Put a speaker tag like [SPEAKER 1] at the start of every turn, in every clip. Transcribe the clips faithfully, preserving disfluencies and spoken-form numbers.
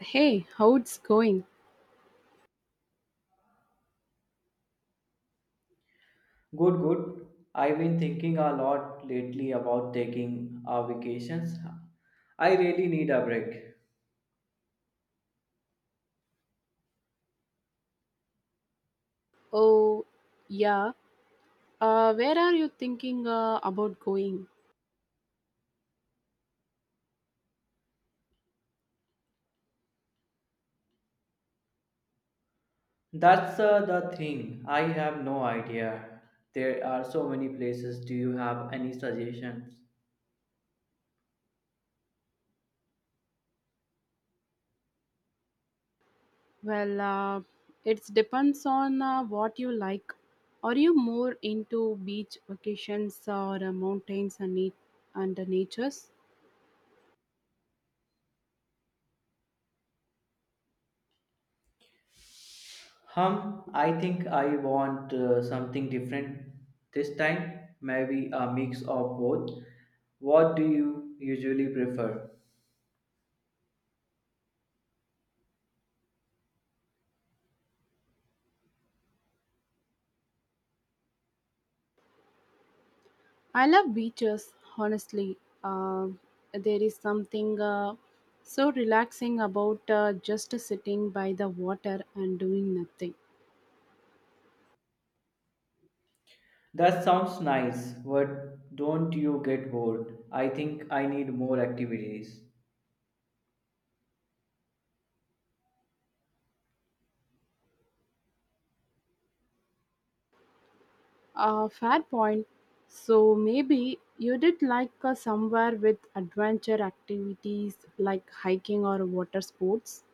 [SPEAKER 1] Hey, how's going?
[SPEAKER 2] Good, good. I've been thinking a lot lately about taking uh, vacations. I really need a break.
[SPEAKER 1] Oh, yeah. Uh, where are you thinking uh, about going?
[SPEAKER 2] That's uh, the thing. I have no idea. There are so many places. Do you have any suggestions?
[SPEAKER 1] Well, uh, it depends on uh, what you like. Are you more into beach vacations or uh, mountains and, nat- and the natures?
[SPEAKER 2] Hum, I think I want uh, something different this time. Maybe a mix of both. What do you usually prefer?
[SPEAKER 1] I love beaches, honestly. Uh, there is something uh, so relaxing about uh, just sitting by the water and doing nothing.
[SPEAKER 2] That sounds nice, but don't you get bored? I think I need more activities.
[SPEAKER 1] Uh, fair point. So maybe you did like uh, somewhere with adventure activities like hiking or water sports.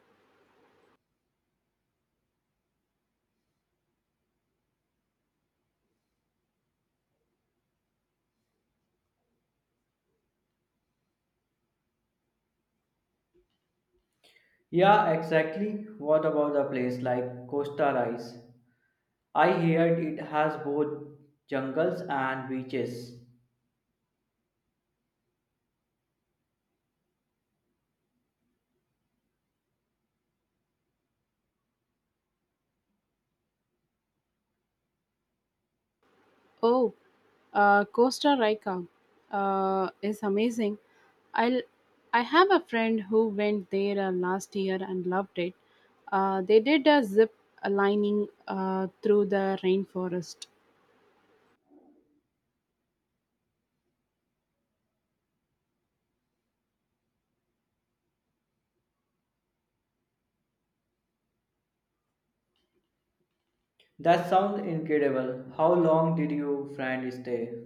[SPEAKER 2] Yeah, exactly. What about a place like Costa Rice? I heard it has both jungles and beaches.
[SPEAKER 1] Oh, uh, Costa Rica uh, is amazing. I'll, I have a friend who went there uh, last year and loved it. Uh, they did a zip lining uh, through the rainforest.
[SPEAKER 2] That sounds incredible. How long did you friend stay?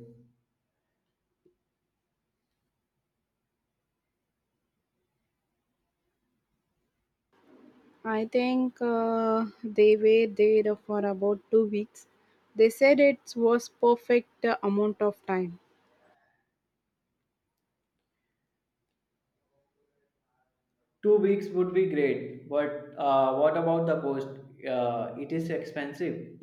[SPEAKER 1] I think uh, they were there for about two weeks. They said it was perfect uh, amount of time.
[SPEAKER 2] Two weeks would be great, but uh, what about the cost? Uh, it is expensive.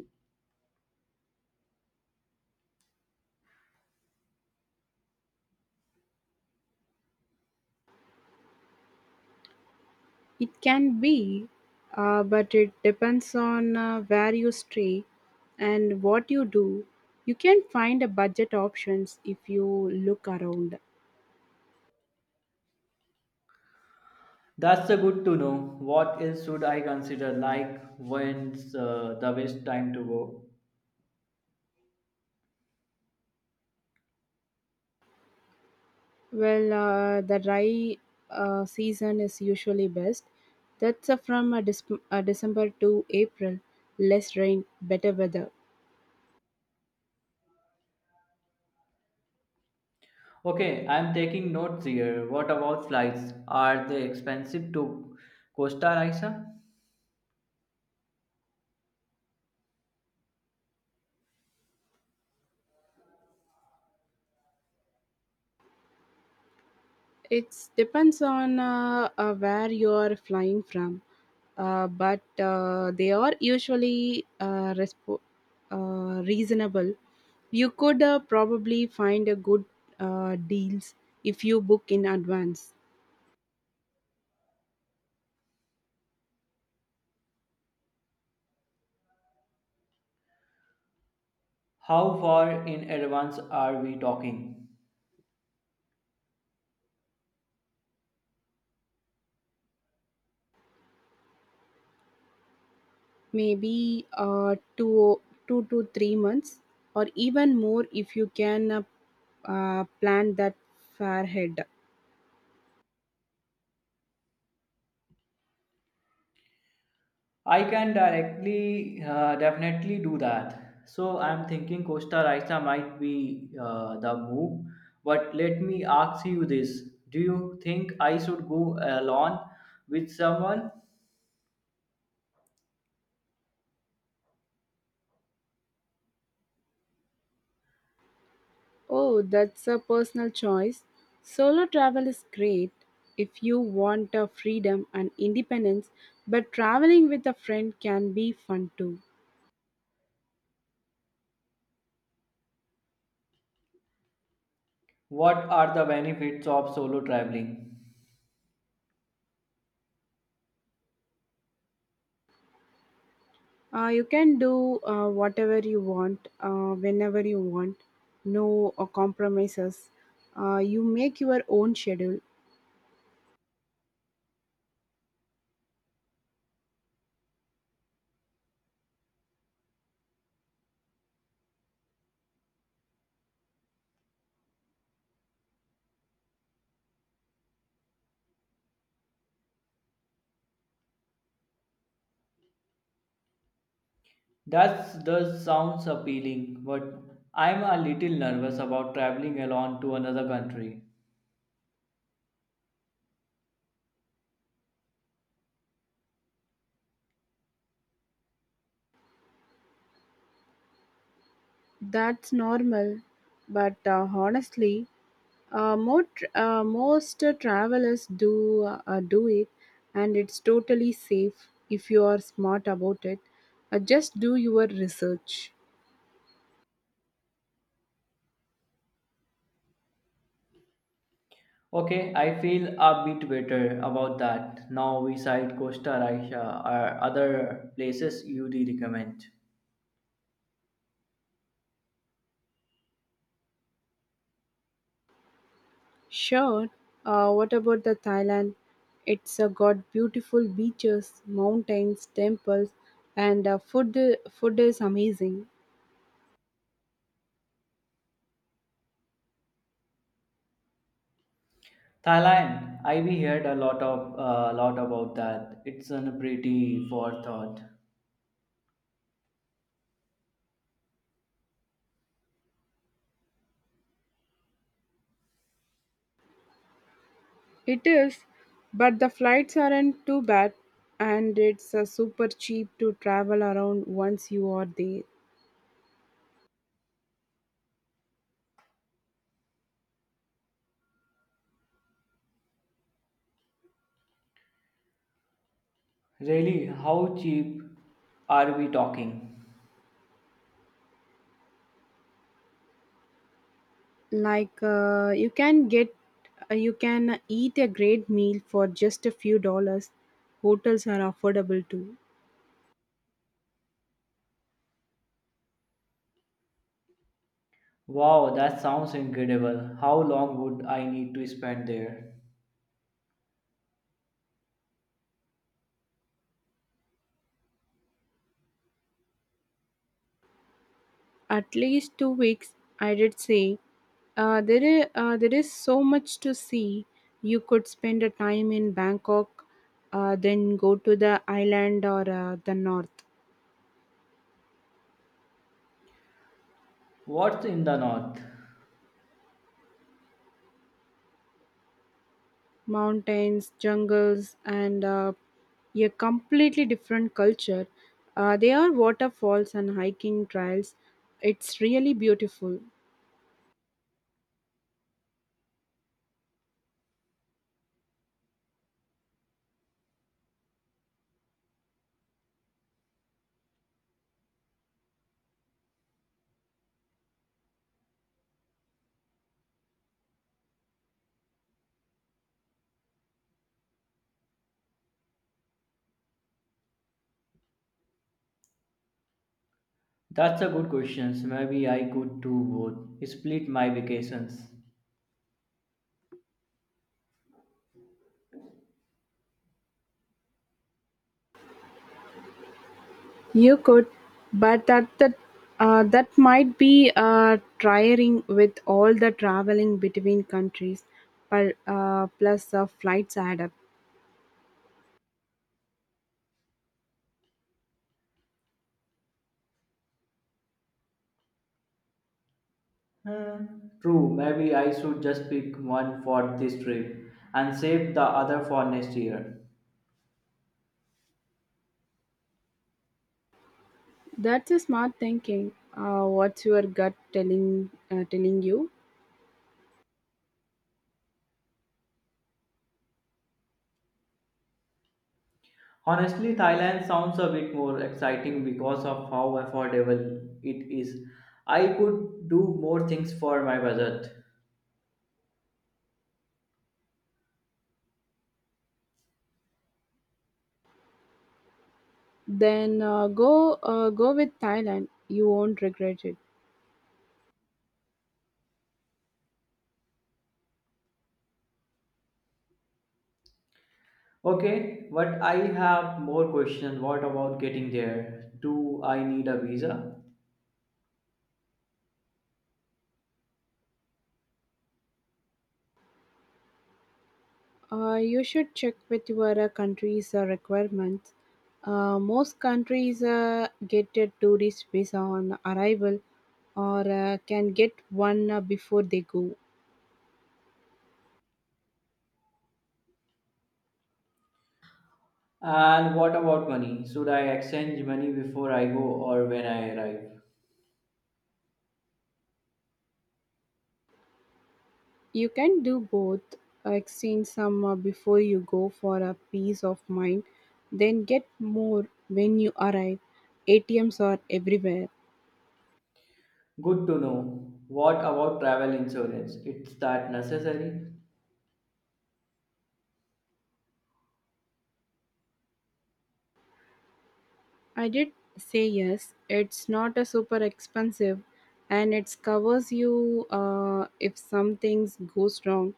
[SPEAKER 1] It can be, uh, but it depends on uh, where you stay and what you do. You can find a budget options if you look around.
[SPEAKER 2] That's a good to know. What else should I consider? Like when's uh, the best time to go?
[SPEAKER 1] Well, uh, the dry uh, season is usually best. That's uh, from uh, Dis- uh, December to April. Less rain, better weather.
[SPEAKER 2] Okay, I'm taking notes here. What about flights? Are they expensive to Costa Rica?
[SPEAKER 1] It depends on uh, uh, where you are flying from, uh, but uh, they are usually uh, resp- uh, reasonable. You could uh, probably find a good uh, deals if you book in advance,
[SPEAKER 2] How far in advance are we talking?
[SPEAKER 1] maybe uh, two two to three months, or even more if you can uh, uh, plan that far ahead.
[SPEAKER 2] I can directly, uh, definitely do that. So I'm thinking Costa Rica might be uh, the move. But let me ask you this: do you think I should go alone with someone?
[SPEAKER 1] Oh, that's a personal choice. Solo travel is great if you want a freedom and independence, but traveling with a friend can be fun too.
[SPEAKER 2] What are the benefits of solo traveling?
[SPEAKER 1] Uh, you can do uh, whatever you want, uh, whenever you want, no uh, compromises. Uh, you make your own schedule.
[SPEAKER 2] That does sounds appealing, but I'm a little nervous about traveling alone to another country.
[SPEAKER 1] That's normal, but uh, honestly, Uh, more, tr- uh, most uh, travelers do uh, do it, and it's totally safe if you are smart about it. Uh, just do your research.
[SPEAKER 2] Okay, I feel a bit better about that. Now we side Costa Rica or other places you do recommend.
[SPEAKER 1] Sure. Uh, what about the Thailand? It's uh, got beautiful beaches, mountains, temples, and uh, food. Food is amazing.
[SPEAKER 2] Thailand, I've heard a lot of a lot about that. It's a pretty forethought.
[SPEAKER 1] It is, but the flights aren't too bad, and it's uh, super cheap to travel around once you are there.
[SPEAKER 2] Really, how cheap are we talking?
[SPEAKER 1] like uh, you can get uh, you can eat a great meal for just a few dollars. Hotels are affordable too.
[SPEAKER 2] Wow, that sounds incredible. How long would I need to spend there?
[SPEAKER 1] At least two weeks, I did say. Uh, there is uh, there is so much to see. You could spend a time in Bangkok, uh, then go to the island or uh, the north.
[SPEAKER 2] What's in the north?
[SPEAKER 1] Mountains, jungles, and uh, a completely different culture. Uh, there are waterfalls and hiking trails. It's really beautiful.
[SPEAKER 2] That's a good question. So maybe I could do both. Split my vacations.
[SPEAKER 1] You could, but that that uh, that might be uh, tiring with all the traveling between countries, but uh, plus uh, flights add up.
[SPEAKER 2] Hmm, True, maybe I should just pick one for this trip and save the other for next year.
[SPEAKER 1] That's a smart thinking. Uh, what's your gut telling uh, telling you?
[SPEAKER 2] Honestly, Thailand sounds a bit more exciting because of how affordable it is. I could do more things for my budget.
[SPEAKER 1] Then uh, go uh, go with Thailand. You won't regret it.
[SPEAKER 2] Okay, but I have more question. What about getting there? Do I need a visa?
[SPEAKER 1] Uh, you should check with your uh, country's uh, requirements. Uh, most countries uh, get a tourist visa on arrival or uh, can get one uh, before they go.
[SPEAKER 2] And what about money? Should I exchange money before I go or when I arrive?
[SPEAKER 1] You can do both, uh, exchange some uh, before you go for a peace of mind, then get more when you arrive. A T Ms are everywhere.
[SPEAKER 2] Good to know. What about travel insurance? It's that necessary?
[SPEAKER 1] I did say yes. It's not a super expensive, and it covers you uh, if something goes wrong,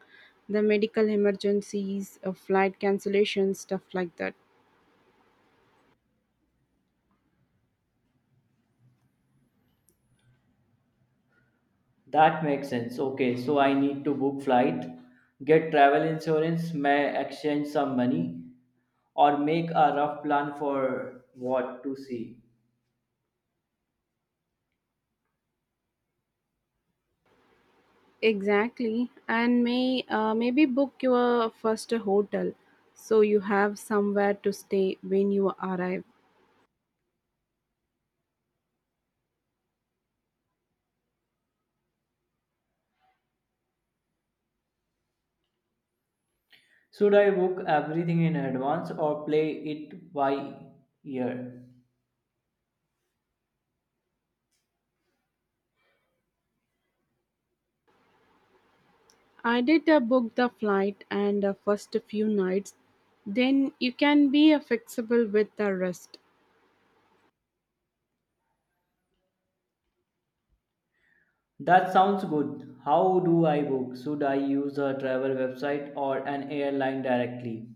[SPEAKER 1] the medical emergencies, uh, flight cancellations, stuff like that.
[SPEAKER 2] That makes sense. Okay, so I need to book flight, get travel insurance, may exchange some money, or make a rough plan for what to see.
[SPEAKER 1] Exactly, and may uh, maybe book your first hotel, so you have somewhere to stay when you arrive.
[SPEAKER 2] Should I book everything in advance or play it by ear?
[SPEAKER 1] I did uh, book the flight and the first few nights. Then you can be uh, flexible with the rest.
[SPEAKER 2] That sounds good. How do I book? Should I use a travel website or an airline directly?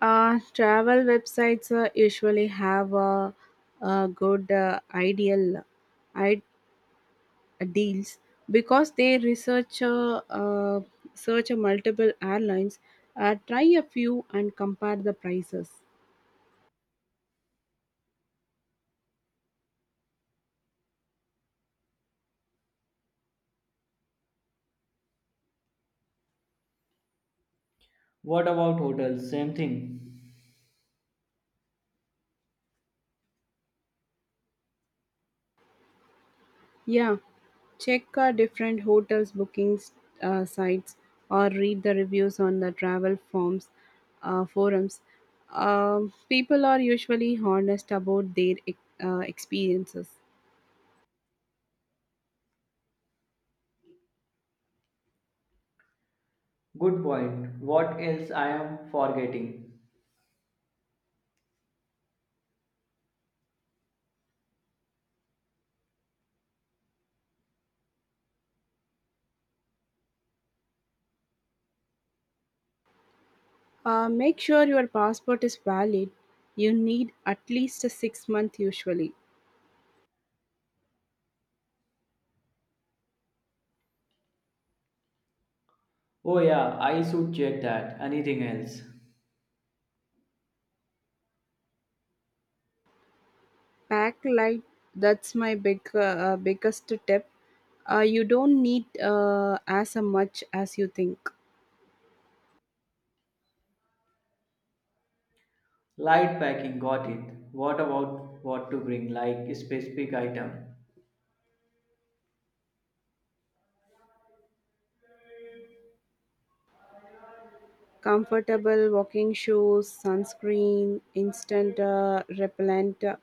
[SPEAKER 1] Uh, travel websites uh, usually have uh, uh, good uh, ideal I- deals because they research uh, uh, search multiple airlines, uh, try a few and compare the prices.
[SPEAKER 2] What about hotels? Same thing.
[SPEAKER 1] Yeah, check uh, different hotels bookings uh, sites or read the reviews on the travel forms uh, forums. Um, people are usually honest about their uh, experiences.
[SPEAKER 2] Good point. What else I am forgetting?
[SPEAKER 1] Uh, make sure your passport is valid. You need at least a six month usually.
[SPEAKER 2] Oh yeah, I should check that. Anything else?
[SPEAKER 1] Pack light. That's my big uh, uh, biggest tip. Uh, you don't need uh, as much as you think.
[SPEAKER 2] Light packing, got it. What about what to bring, like specific item?
[SPEAKER 1] Comfortable walking shoes, sunscreen, instant uh, repellent, uh,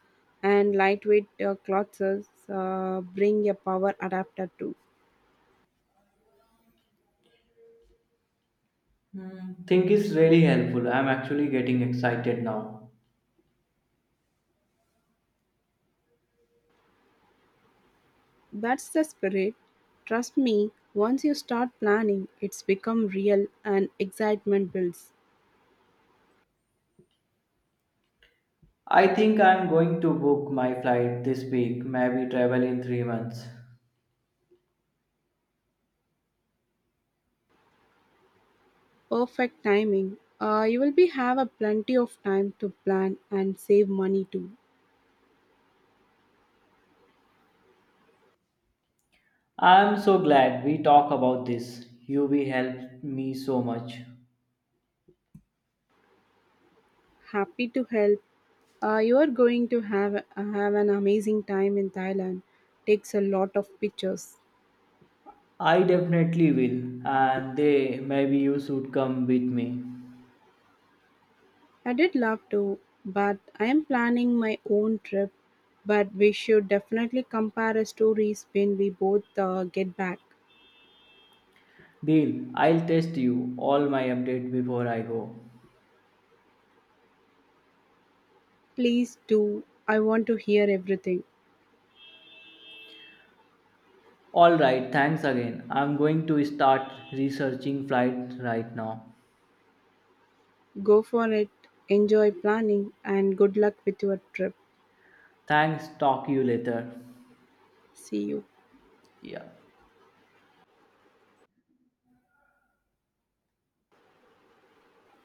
[SPEAKER 1] and lightweight uh, clothes. Uh, bring a power adapter too.
[SPEAKER 2] Hmm, think is really helpful. I'm actually getting excited now.
[SPEAKER 1] That's the spirit. Trust me, once you start planning, it's become real and excitement builds.
[SPEAKER 2] I think I'm going to book my flight this week, maybe travel in three months.
[SPEAKER 1] Perfect timing. Uh, you will be have a plenty of time to plan and save money too.
[SPEAKER 2] I'm so glad we talk about this. You U V helped me so much.
[SPEAKER 1] Happy to help. Uh, you are going to have have an amazing time in Thailand. Takes a lot of pictures.
[SPEAKER 2] I definitely will, and they maybe you should come with me.
[SPEAKER 1] I did love to, but I am planning my own trip. But we should definitely compare stories when we both uh, get back.
[SPEAKER 2] Deal, I'll test you all my update before I go.
[SPEAKER 1] Please do. I want to hear everything.
[SPEAKER 2] Alright, thanks again. I'm going to start researching flight right now.
[SPEAKER 1] Go for it. Enjoy planning and good luck with your trip.
[SPEAKER 2] Thanks, talk you later.
[SPEAKER 1] See you.
[SPEAKER 2] Yeah.